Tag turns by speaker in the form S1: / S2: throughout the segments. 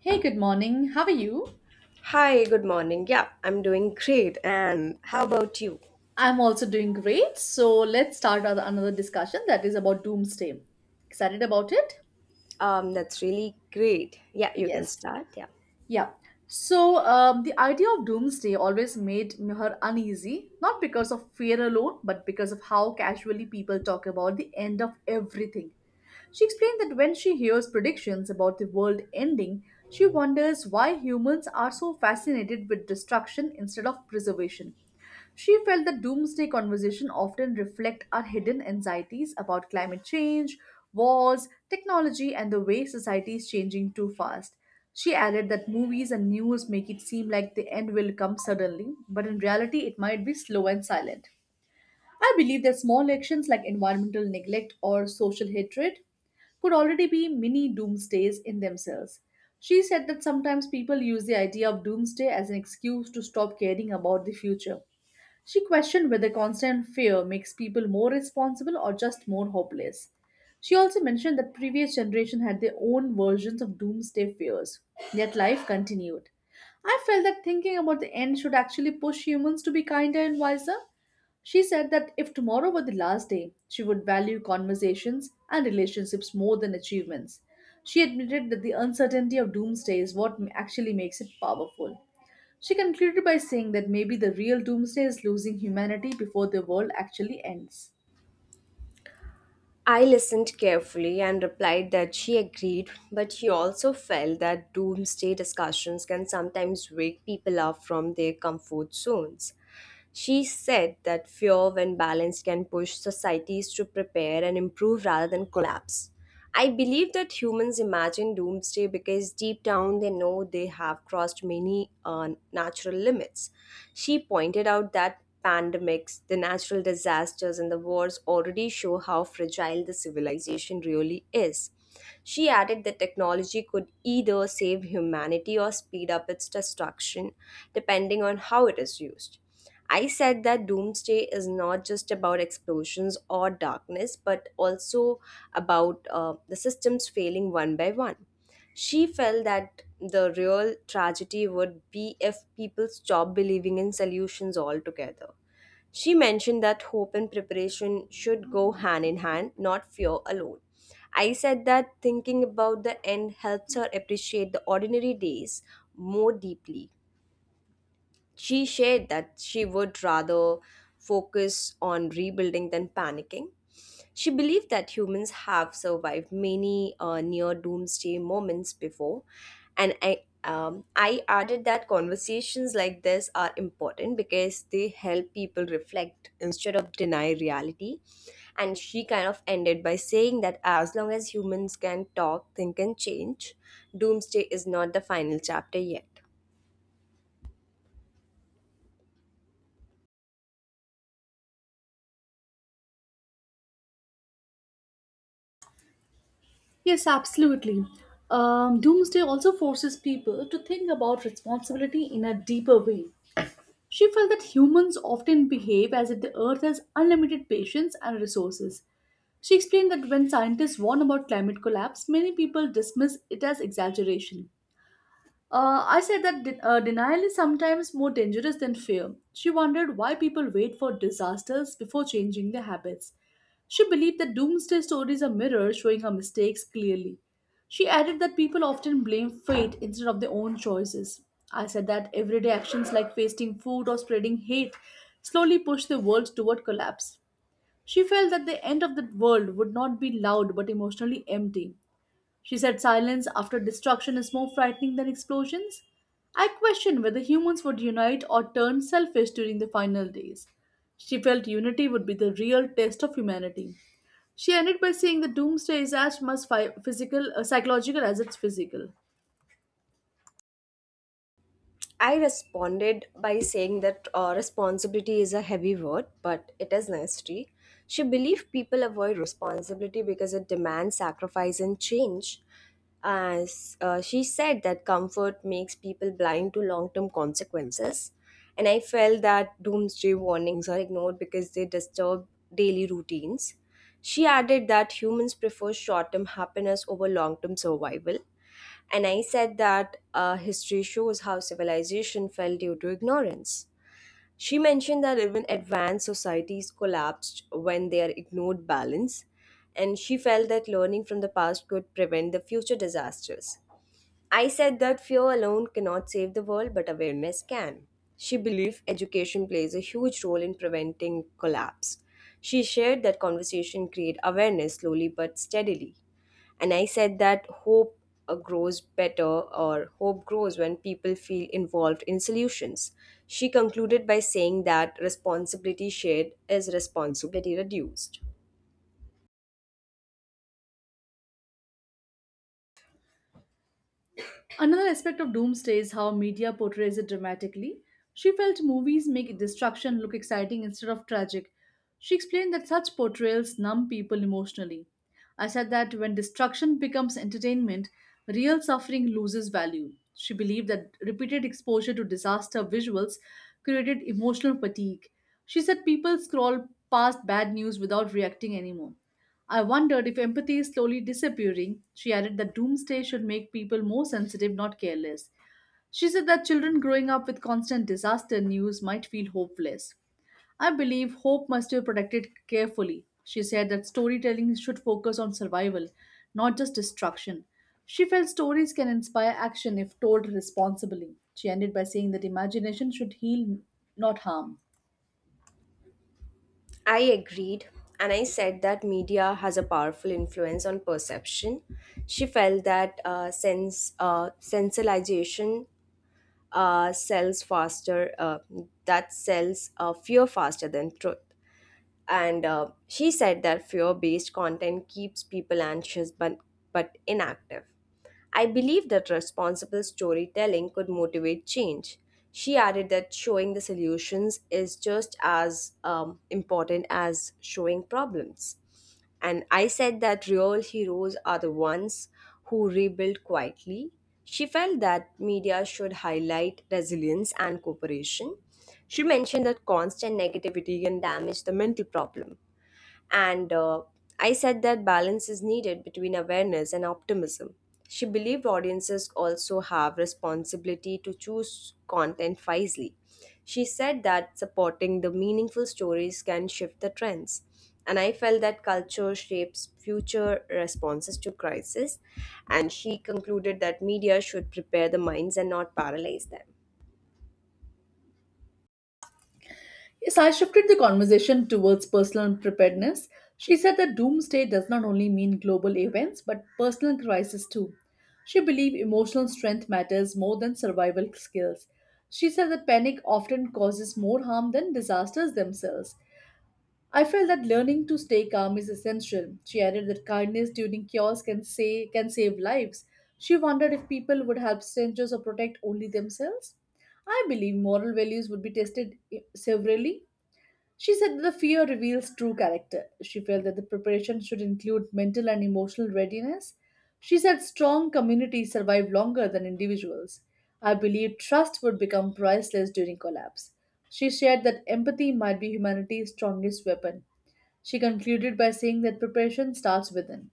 S1: Hey, good morning. How are you?
S2: Hi, good morning. Yeah, I'm doing great. And how about you?
S1: I'm also doing great. So let's start with another discussion that is about doomsday. Excited about it?
S2: That's really great. Yeah, you can
S1: Yes.
S2: start. Yeah.
S1: Yeah. The idea of doomsday always made her uneasy, not because of fear alone, but because of how casually people talk about the end of everything. She explained that when she hears predictions about the world ending, she wonders why humans are so fascinated with destruction instead of preservation. She felt that doomsday conversation often reflect our hidden anxieties about climate change, wars, technology, and the way society is changing too fast. She added that movies and news make it seem like the end will come suddenly, but in reality, it might be slow and silent. I believe that small actions like environmental neglect or social hatred could already be mini doomsdays in themselves. She said that sometimes people use the idea of doomsday as an excuse to stop caring about the future. She questioned whether constant fear makes people more responsible or just more hopeless. She also mentioned that previous generation had their own versions of doomsday fears, yet life continued. I felt that thinking about the end should actually push humans to be kinder and wiser. She said that if tomorrow were the last day, she would value conversations and relationships more than achievements. She admitted that the uncertainty of doomsday is what actually makes it powerful. She concluded by saying that maybe the real doomsday is losing humanity before the world actually ends.
S2: I listened carefully and replied that she agreed, but she also felt that doomsday discussions can sometimes wake people up from their comfort zones. She said that fear, when balanced, can push societies to prepare and improve rather than collapse. I believe that humans imagine doomsday because deep down they know they have crossed many natural limits. She pointed out that pandemics, the natural disasters, and the wars already show how fragile the civilization really is. She added that technology could either save humanity or speed up its destruction, depending on how it is used. I said that doomsday is not just about explosions or darkness, but also about the systems failing one by one. She felt that the real tragedy would be if people stop believing in solutions altogether. She mentioned that hope and preparation should go hand in hand, not fear alone. I said that thinking about the end helps her appreciate the ordinary days more deeply. She shared that she would rather focus on rebuilding than panicking. She believed that humans have survived many near doomsday moments before, and I added that conversations like this are important because they help people reflect instead of deny reality. And she kind of ended by saying that as long as humans can talk, think, and change, doomsday is not the final chapter yet.
S1: Yes, absolutely. Doomsday also forces people to think about responsibility in a deeper way. She felt that humans often behave as if the earth has unlimited patience and resources. She explained that when scientists warn about climate collapse, many people dismiss it as exaggeration. I said that denial is sometimes more dangerous than fear. She wondered why people wait for disasters before changing their habits. She believed that doomsday stories are mirrors showing her mistakes clearly. She added that people often blame fate instead of their own choices. I said that everyday actions like wasting food or spreading hate slowly push the world toward collapse. She felt that the end of the world would not be loud but emotionally empty. She said silence after destruction is more frightening than explosions. I question whether humans would unite or turn selfish during the final days. She felt unity would be the real test of humanity. She ended by saying the doomsday is as much physical, psychological as it's physical.
S2: I responded by saying that responsibility is a heavy word, but it is necessary. She believed people avoid responsibility because it demands sacrifice and change. As she said, that comfort makes people blind to long term consequences. And I felt that doomsday warnings are ignored because they disturb daily routines. She added that humans prefer short term happiness over long term survival, and I said that history shows how civilization fell due to ignorance. She mentioned that even advanced societies collapsed when they are ignored balance, and she felt that learning from the past could prevent the future disasters. I said that fear alone cannot save the world, but awareness can. She believed education plays a huge role in preventing collapse. She shared that conversation create awareness slowly but steadily. And I said that hope grows better, or hope grows when people feel involved in solutions. She concluded by saying that responsibility shared is responsibility reduced.
S1: Another aspect of doomsday is how media portrays it dramatically. She felt movies make destruction look exciting instead of tragic. She explained that such portrayals numb people emotionally. I said that when destruction becomes entertainment, real suffering loses value. She believed that repeated exposure to disaster visuals created emotional fatigue. She said people scroll past bad news without reacting anymore. I wondered if empathy is slowly disappearing. She added that doomsday should make people more sensitive, not careless. She said that children growing up with constant disaster news might feel hopeless. I believe hope must be protected carefully. She said that storytelling should focus on survival, not just destruction. She felt stories can inspire action if told responsibly. She ended by saying that imagination should heal, not harm.
S2: I agreed, and I said that media has a powerful influence on perception. She felt that sense sensationalization sells faster, that sells fear faster than truth. And she said that fear-based content keeps people anxious, but inactive. I believe that responsible storytelling could motivate change. She added that showing the solutions is just as important as showing problems. And I said that real heroes are the ones who rebuild quietly. She felt that media should highlight resilience and cooperation. She mentioned that constant negativity can damage the mental problem. And I said that balance is needed between awareness and optimism. She believed audiences also have responsibility to choose content wisely. She said that supporting the meaningful stories can shift the trends. And I felt that culture shapes future responses to crisis. And she concluded that media should prepare the minds and not paralyze them.
S1: Yes, I shifted the conversation towards personal preparedness. She said that doomsday does not only mean global events but personal crisis too. She believed emotional strength matters more than survival skills. She said that panic often causes more harm than disasters themselves. I felt that learning to stay calm is essential. She added that kindness during chaos can save lives. She wondered if people would help strangers or protect only themselves. I believe moral values would be tested severely. She said the fear reveals true character. She felt that the preparation should include mental and emotional readiness. She said strong communities survive longer than individuals. I believe trust would become priceless during collapse. She shared that empathy might be humanity's strongest weapon. She concluded by saying that preparation starts within.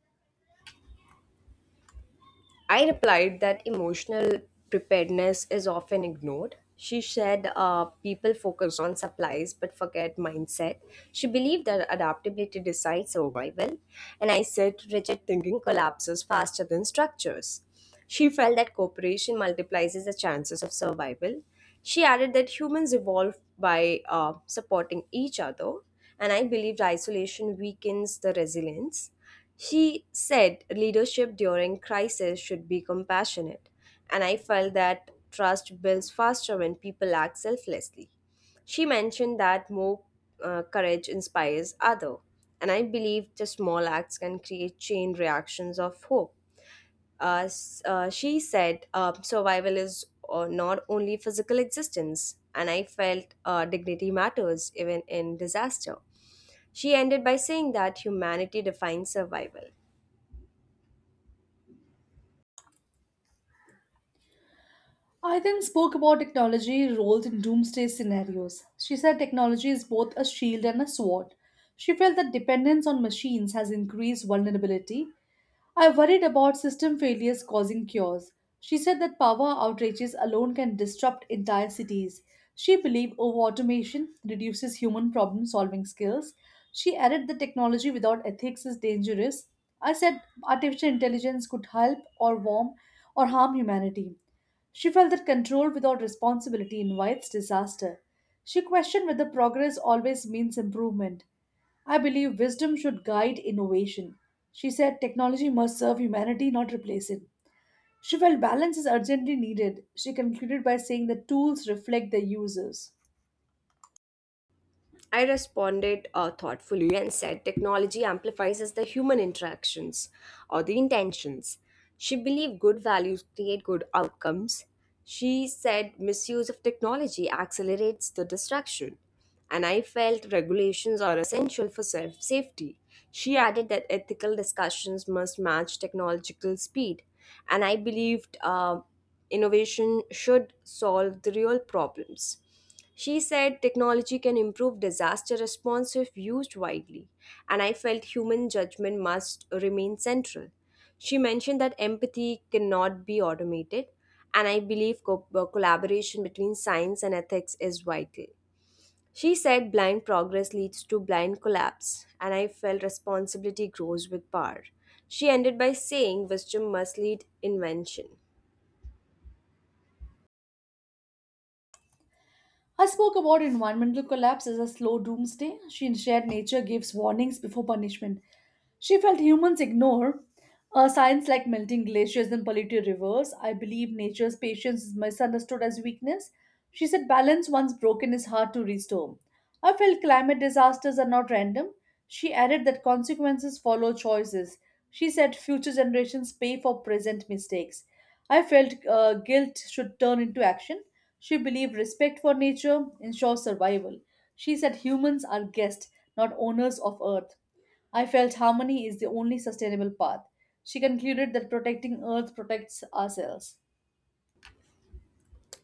S2: I replied that emotional preparedness is often ignored. She said people focus on supplies but forget mindset. She believed that adaptability decides survival, and I said rigid thinking collapses faster than structures. She felt that cooperation multiplies the chances of survival. She added that humans evolve by supporting each other, and I believed isolation weakens the resilience. She said leadership during crisis should be compassionate, and I felt that trust builds faster when people act selflessly. She mentioned that more courage inspires other, and I believe the small acts can create chain reactions of hope. She said survival is not only physical existence, and I felt dignity matters even in disaster. She ended by saying that humanity defines survival.
S1: I then spoke about technology roles in doomsday scenarios. She said technology is both a shield and a sword. She felt that dependence on machines has increased vulnerability. I worried about system failures causing cures. She said that power outages alone can disrupt entire cities. She believed over automation reduces human problem solving skills. She added that technology without ethics is dangerous. I said artificial intelligence could help or warm or harm humanity. She felt that control without responsibility invites disaster. She questioned whether progress always means improvement. I believe wisdom should guide innovation. She said technology must serve humanity, not replace it. She felt balance is urgently needed. She concluded by saying that tools reflect their users.
S2: I responded thoughtfully and said technology amplifies the human interactions or the intentions. She believed good values create good outcomes. She said misuse of technology accelerates the destruction. And I felt regulations are essential for self safety. She added that ethical discussions must match technological speed. And I believed innovation should solve the real problems. She said technology can improve disaster response if used widely, and I felt human judgment must remain central. She mentioned that empathy cannot be automated, and I believe collaboration between science and ethics is vital. She said blind progress leads to blind collapse, and I felt responsibility grows with power. She ended by saying wisdom must lead invention.
S1: I spoke about environmental collapse as a slow doomsday. She shared nature gives warnings before punishment. She felt humans ignore a science like melting glaciers and polluted rivers. I believe nature's patience is misunderstood as weakness. She said balance once broken is hard to restore. I felt climate disasters are not random. She added that consequences follow choices. She said future generations pay for present mistakes. I felt guilt should turn into action. She believed respect for nature ensures survival. She said humans are guests, not owners of earth. I felt harmony is the only sustainable path. She concluded that protecting Earth protects ourselves.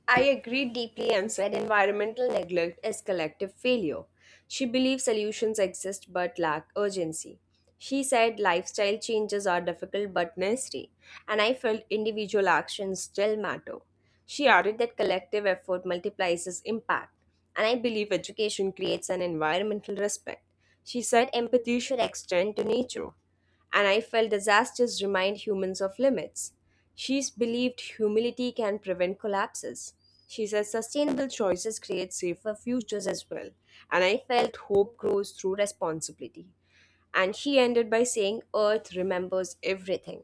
S2: I agree deeply and said environmental neglect is collective failure. She believes solutions exist but lack urgency. She said lifestyle changes are difficult but necessary, and I felt individual actions still matter. She added that collective effort multiplies its impact, and I believe education creates an environmental respect. She said empathy should extend to nature, and I felt disasters remind humans of limits. She's believed humility can prevent collapses. She says sustainable choices create safer futures as well, and I felt hope grows through responsibility. And she ended by saying, "Earth remembers everything."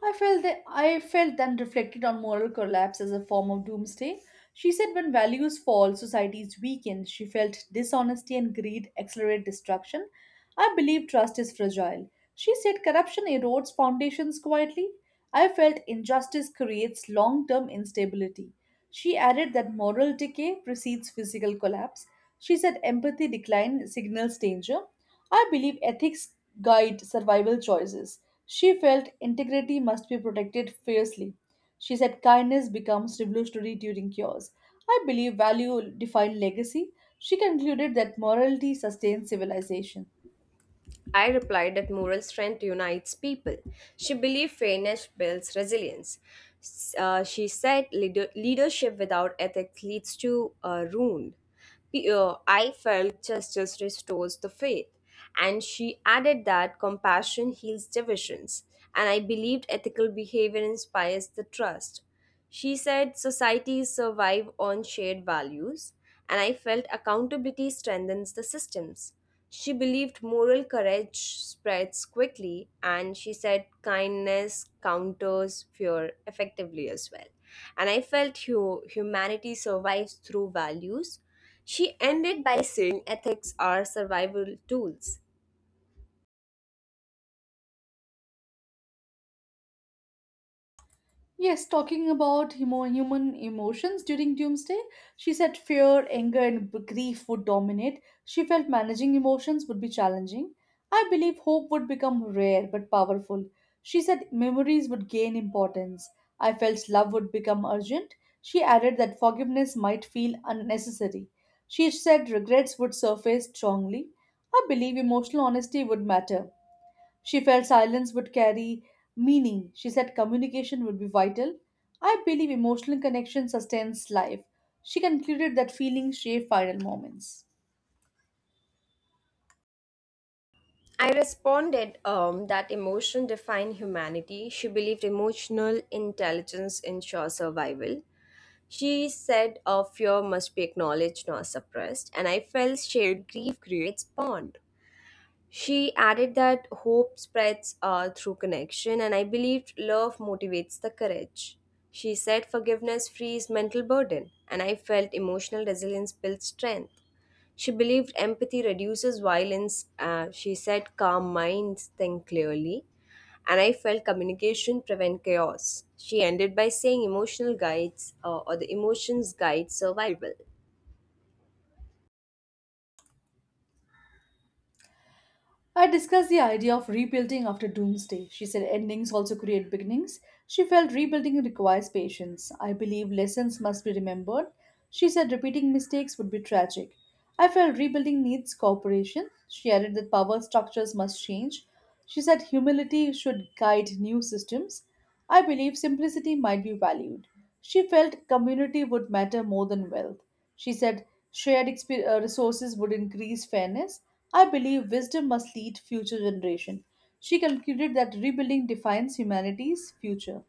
S1: I felt then reflected on moral collapse as a form of doomsday. She said when values fall, societies weaken. She felt dishonesty and greed accelerate destruction. I believe trust is fragile. She said corruption erodes foundations quietly. I felt injustice creates long term instability. She added that moral decay precedes physical collapse. She said empathy decline signals danger. I believe ethics guide survival choices. She felt integrity must be protected fiercely. She said kindness becomes revolutionary during cures. I believe value define legacy. She concluded that morality sustains civilization.
S2: I replied that moral strength unites people. She believed fairness builds resilience. She said leadership without ethics leads to ruin. I felt justice restores the faith. And she added that compassion heals divisions. And I believed ethical behavior inspires the trust. She said societies survive on shared values, and I felt accountability strengthens the systems. She believed moral courage spreads quickly, and she said kindness counters fear effectively as well. And I felt humanity survives through values. She ended by saying ethics are survival tools.
S1: Yes, talking about human emotions during doomsday, she said fear, anger, and grief would dominate. She felt managing emotions would be challenging. I believe hope would become rare but powerful. She said memories would gain importance. I felt love would become urgent. She added that forgiveness might feel unnecessary. She said regrets would surface strongly. I believe emotional honesty would matter. She felt silence would carry meaning. She said communication would be vital. I believe emotional connection sustains life. She concluded that feelings shape final moments.
S2: I responded that emotion define humanity. She believed emotional intelligence ensures survival. She said fear must be acknowledged, not suppressed, and I felt shared grief creates bond. She added that hope spreads through connection, and I believed love motivates the courage. She said forgiveness frees mental burden, and I felt emotional resilience builds strength. She believed empathy reduces violence. She said calm minds think clearly, and I felt communication prevent chaos. She ended by saying emotional guides or the emotions guide survival.
S1: I discussed the idea of rebuilding after doomsday. She said endings also create beginnings. She felt rebuilding requires patience. I believe lessons must be remembered. She said repeating mistakes would be tragic. I felt rebuilding needs cooperation. She added that power structures must change. She said humility should guide new systems. I believe simplicity might be valued. She felt community would matter more than wealth. She said shared resources would increase fairness. I believe wisdom must lead future generation. She concluded that rebuilding defines humanity's future.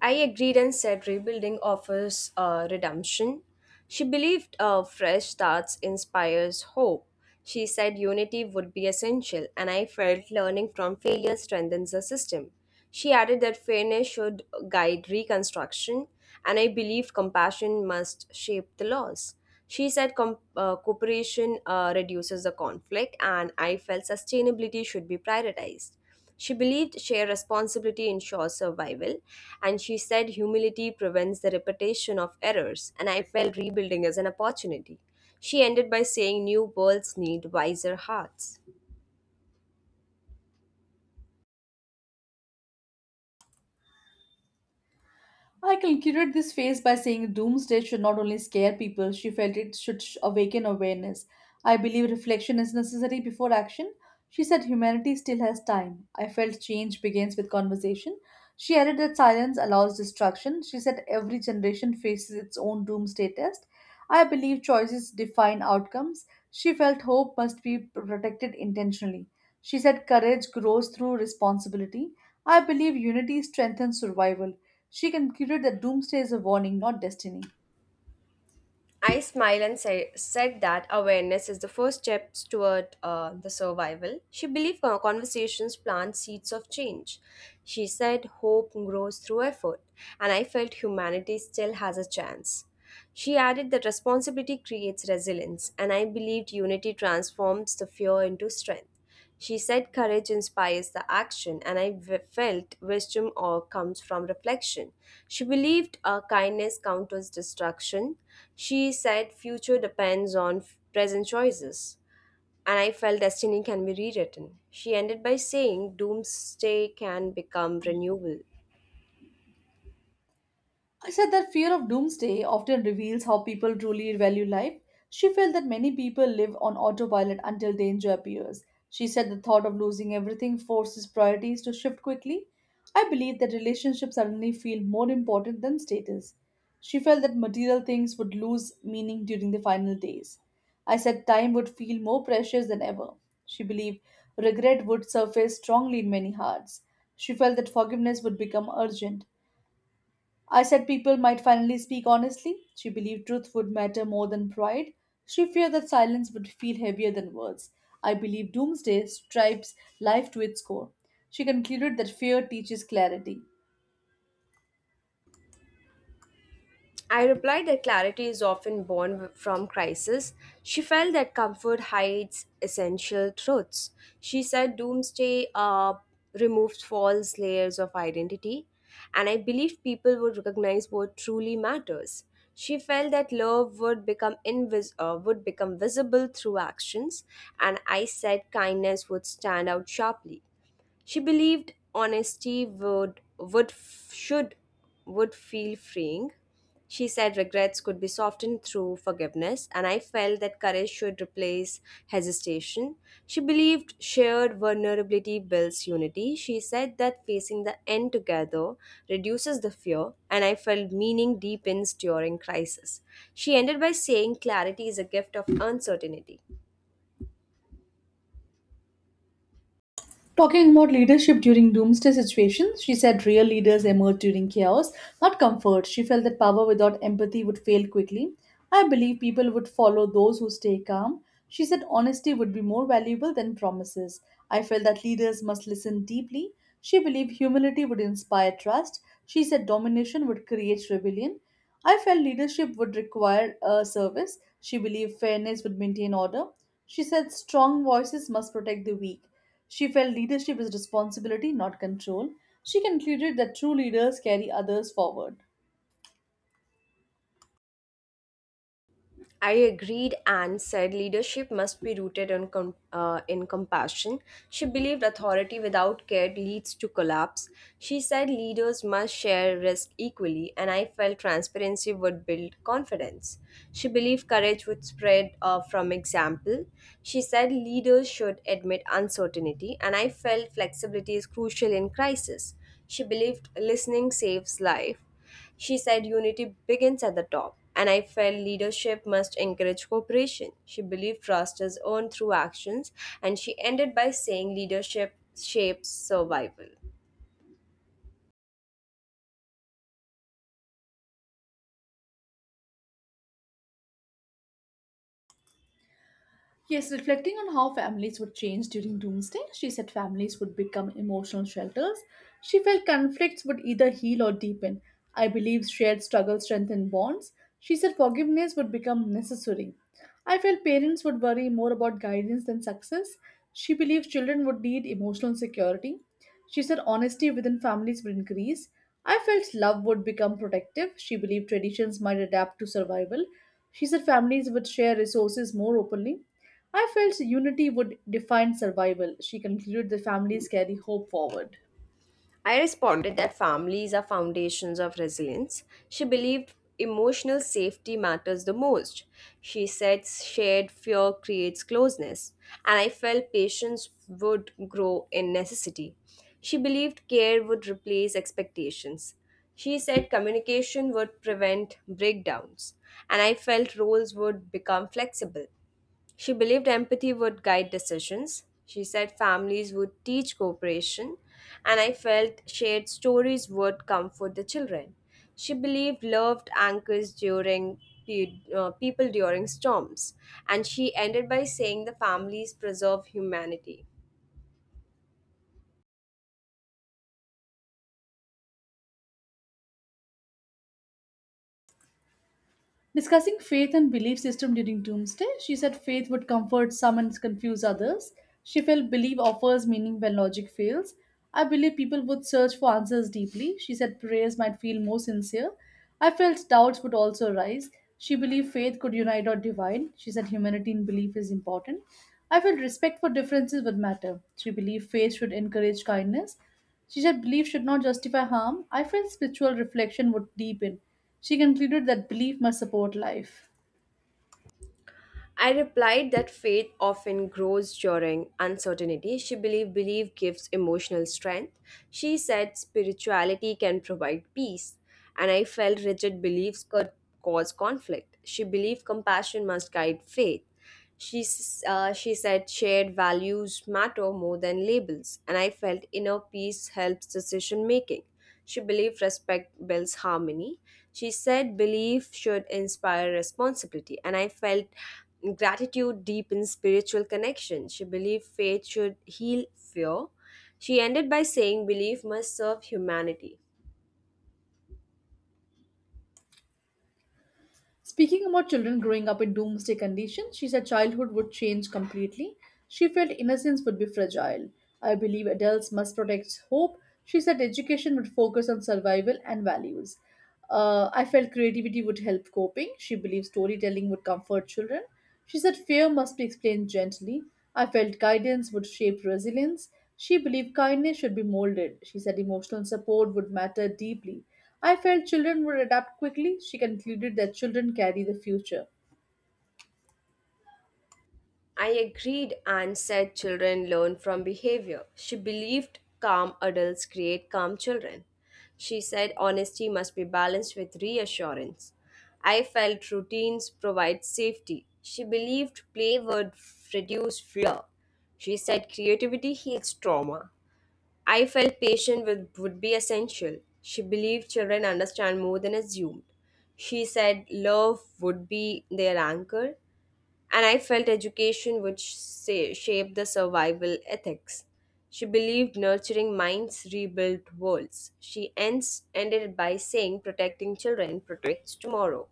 S2: I agreed and said rebuilding offers redemption. She believed fresh starts inspires hope. She said unity would be essential, and I felt learning from failure strengthens the system. She added that fairness should guide reconstruction, and I believe compassion must shape the laws. She said cooperation reduces the conflict, and I felt sustainability should be prioritized. She believed shared responsibility ensures survival, and she said humility prevents the repetition of errors, and I felt rebuilding as an opportunity. She ended by saying new worlds need wiser hearts.
S1: I concluded this phase by saying doomsday should not only scare people. She felt it should awaken awareness. I believe reflection is necessary before action. She said humanity still has time. I felt change begins with conversation. She added that silence allows destruction. She said every generation faces its own doomsday test. I believe choices define outcomes. She felt hope must be protected intentionally. She said courage grows through responsibility. I believe unity strengthens survival. She concluded that doomsday is a warning, not destiny.
S2: I smiled and said that awareness is the first step toward the survival. She believed conversations plant seeds of change. She said hope grows through effort, and I felt humanity still has a chance. She added that responsibility creates resilience, and I believed unity transforms the fear into strength. She said courage inspires the action, and felt wisdom or comes from reflection. She believed kindness counters destruction. She said future depends on present choices, and I felt destiny can be rewritten. She ended by saying doomsday can become renewable.
S1: I said that fear of doomsday often reveals how people truly value life. She felt that many people live on autopilot until danger appears. She said the thought of losing everything forces priorities to shift quickly. I believe that relationships suddenly feel more important than status. She felt that material things would lose meaning during the final days. I said time would feel more precious than ever. She believed regret would surface strongly in many hearts. She felt that forgiveness would become urgent. I said people might finally speak honestly. She believed truth would matter more than pride. She feared that silence would feel heavier than words. I believe doomsday stripes life to its core. She concluded that fear teaches clarity.
S2: I replied that clarity is often born from crisis. She felt that comfort hides essential truths. She said doomsday removes false layers of identity, and I believed people would recognize what truly matters. She felt that love would become would become visible through actions, and I said kindness would stand out sharply. She believed honesty would should would feel freeing. She said regrets could be softened through forgiveness, and I felt that courage should replace hesitation. She believed shared vulnerability builds unity. She said that facing the end together reduces the fear, and I felt meaning deepens during crisis. She ended by saying clarity is a gift of uncertainty.
S1: Talking about leadership during doomsday situations, she said real leaders emerge during chaos, not comfort. She felt that power without empathy would fail quickly. I believe people would follow those who stay calm. She said honesty would be more valuable than promises. I felt that leaders must listen deeply. She believed humility would inspire trust. She said domination would create rebellion. I felt leadership would require a service. She believed fairness would maintain order. She said strong voices must protect the weak. She felt leadership is responsibility, not control. She concluded that true leaders carry others forward.
S2: I agreed and said leadership must be rooted in compassion. She believed authority without care leads to collapse. She said leaders must share risk equally, and I felt transparency would build confidence. She believed courage would spread from example. She said leaders should admit uncertainty, and I felt flexibility is crucial in crisis. She believed listening saves life. She said unity begins at the top, and I felt leadership must encourage cooperation. She believed trust is earned through actions, and she ended by saying leadership shapes survival.
S1: Yes, reflecting on how families would change during doomsday, she said families would become emotional shelters. She felt conflicts would either heal or deepen. I believe shared struggle strengthened bonds. She said forgiveness would become necessary. I felt parents would worry more about guidance than success. She believes children would need emotional security. She said honesty within families would increase. I felt love would become protective. She believed traditions might adapt to survival. She said families would share resources more openly. I felt unity would define survival. She concluded the family's carry hope forward.
S2: I responded that families are foundations of resilience. She believed emotional safety matters the most. She said shared fear creates closeness, and I felt patience would grow in necessity. She believed care would replace expectations. She said communication would prevent breakdowns, and I felt roles would become flexible. She believed empathy would guide decisions. She said families would teach cooperation, and I felt shared stories would comfort the children. She believed loved anchors during people during storms, and she ended by saying the families preserve humanity.
S1: Discussing faith and belief system during Doomsday, she said faith would comfort some and confuse others. She felt belief offers meaning when logic fails. I believe people would search for answers deeply. She said prayers might feel more sincere. I felt doubts would also arise. She believed faith could unite or divide. She said humanity in belief is important. I felt respect for differences would matter. She believed faith should encourage kindness. She said belief should not justify harm. I felt spiritual reflection would deepen. She concluded that belief must support life.
S2: I replied that faith often grows during uncertainty. She believed belief gives emotional strength. She said spirituality can provide peace, and I felt rigid beliefs could cause conflict. She believed compassion must guide faith. She said shared values matter more than labels, and I felt inner peace helps decision making. She believed respect builds harmony. She said belief should inspire responsibility, and I felt gratitude deepens spiritual connection. She believed faith should heal fear. She ended by saying belief must serve humanity.
S1: Speaking about children growing up in doomsday conditions, she said childhood would change completely. She felt innocence would be fragile. I believe adults must protect hope. She said education would focus on survival and values. I felt creativity would help coping. She believed storytelling would comfort children. She said fear must be explained gently. I felt guidance would shape resilience. She believed kindness should be molded. She said emotional support would matter deeply. I felt children would adapt quickly. She concluded that children carry the future.
S2: I agreed and said children learn from behavior. She believed calm adults create calm children. She said honesty must be balanced with reassurance. I felt routines provide safety. She believed play would reduce fear. She said creativity heals trauma. I felt patience would be essential. She believed children understand more than assumed. She said love would be their anchor, and I felt education would shape the survival ethics. She believed nurturing minds rebuilt worlds. She ends ended by saying protecting children protects tomorrow.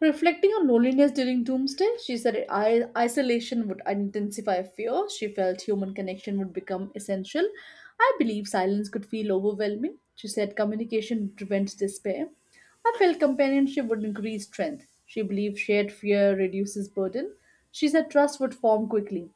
S1: Reflecting on loneliness during Doomsday, she said isolation would intensify fear. She felt human connection would become essential. I believe silence could feel overwhelming. She said communication prevents despair. I felt companionship would increase strength. She believed shared fear reduces burden. She said trust would form quickly.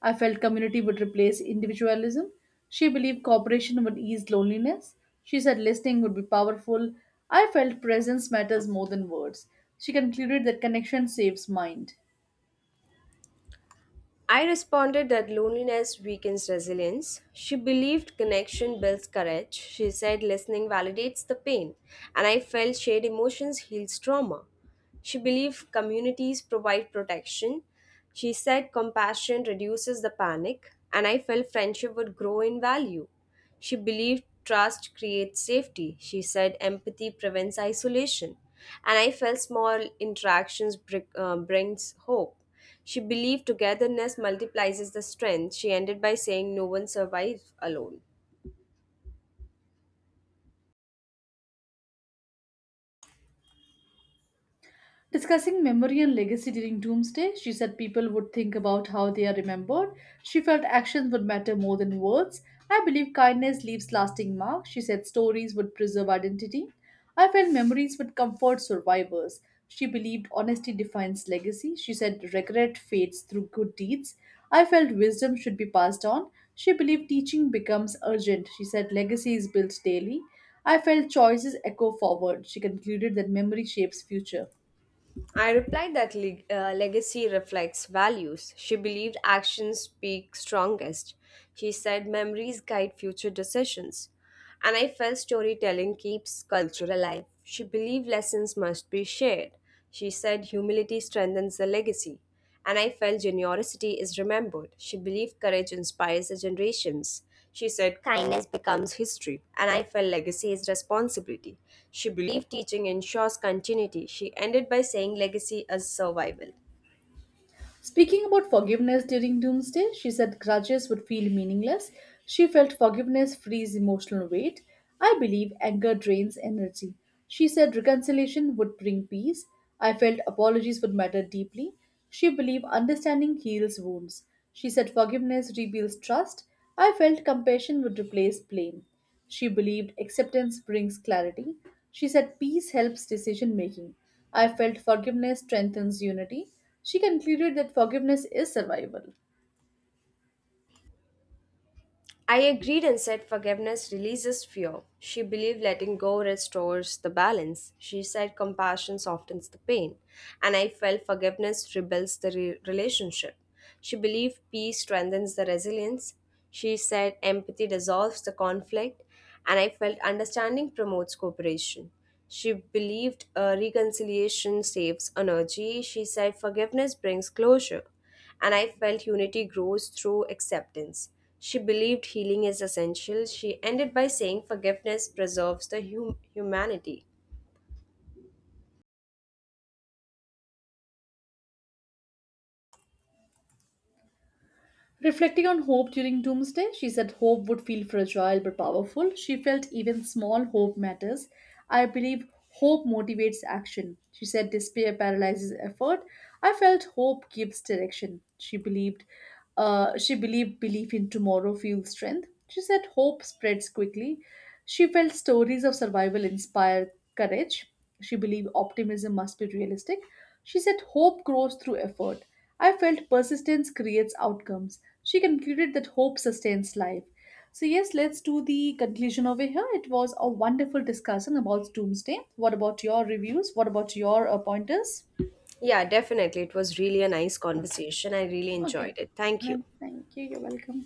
S1: I felt community would replace individualism. She believed cooperation would ease loneliness. She said listening would be powerful. I felt presence matters more than words. She concluded that connection saves mind.
S2: I responded that loneliness weakens resilience. She believed connection builds courage. She said listening validates the pain, and I felt shared emotions heals trauma. She believed communities provide protection. She said compassion reduces the panic, and I felt friendship would grow in value. She believed trust creates safety. She said empathy prevents isolation, and I felt small interactions brings hope. She believed togetherness multiplies the strength. She ended by saying, "No one survives alone."
S1: Discussing memory and legacy during Doomsday, she said people would think about how they are remembered. She felt actions would matter more than words. I believe kindness leaves lasting marks. She said stories would preserve identity. I felt memories would comfort survivors. She believed honesty defines legacy. She said regret fades through good deeds. I felt wisdom should be passed on. She believed teaching becomes urgent. She said legacy is built daily. I felt choices echo forward. She concluded that memory shapes future.
S2: I replied that legacy reflects values. She believed actions speak strongest. She said memories guide future decisions. And I felt storytelling keeps culture alive. She believed lessons must be shared. She said humility strengthens the legacy. And I felt generosity is remembered. She believed courage inspires the generations. She said kindness becomes history. And I felt legacy is responsibility. She believed teaching ensures continuity. She ended by saying legacy is survival.
S1: Speaking about forgiveness during Doomsday, she said grudges would feel meaningless. She felt forgiveness frees emotional weight. I believe anger drains energy. She said reconciliation would bring peace. I felt apologies would matter deeply. She believed understanding heals wounds. She said forgiveness rebuilds trust. I felt compassion would replace blame. She believed acceptance brings clarity. She said peace helps decision making. I felt forgiveness strengthens unity. She concluded that forgiveness is survival.
S2: I agreed and said forgiveness releases fear. She believed letting go restores the balance. She said compassion softens the pain. And I felt forgiveness rebels the relationship. She believed peace strengthens the resilience. She said empathy dissolves the conflict. And I felt understanding promotes cooperation. She believed reconciliation saves energy. She said forgiveness brings closure, and I felt unity grows through acceptance. She believed healing is essential. She ended by saying forgiveness preserves the humanity.
S1: Reflecting on hope during Doomsday, she said hope would feel fragile but powerful. She felt even small hope matters. I believe hope motivates action. She said despair paralyzes effort. I felt hope gives direction. She believed belief in tomorrow fuels strength. She said hope spreads quickly. She felt stories of survival inspire courage. She believed optimism must be realistic. She said hope grows through effort. I felt persistence creates outcomes. She concluded that hope sustains life. So, yes, let's do the conclusion over here. It was a wonderful discussion about doomsday. What about your reviews? What about your pointers?
S2: Yeah, definitely. It was really a nice conversation. I really
S1: Okay.
S2: enjoyed it. Thank you.
S1: No, thank you. You're welcome.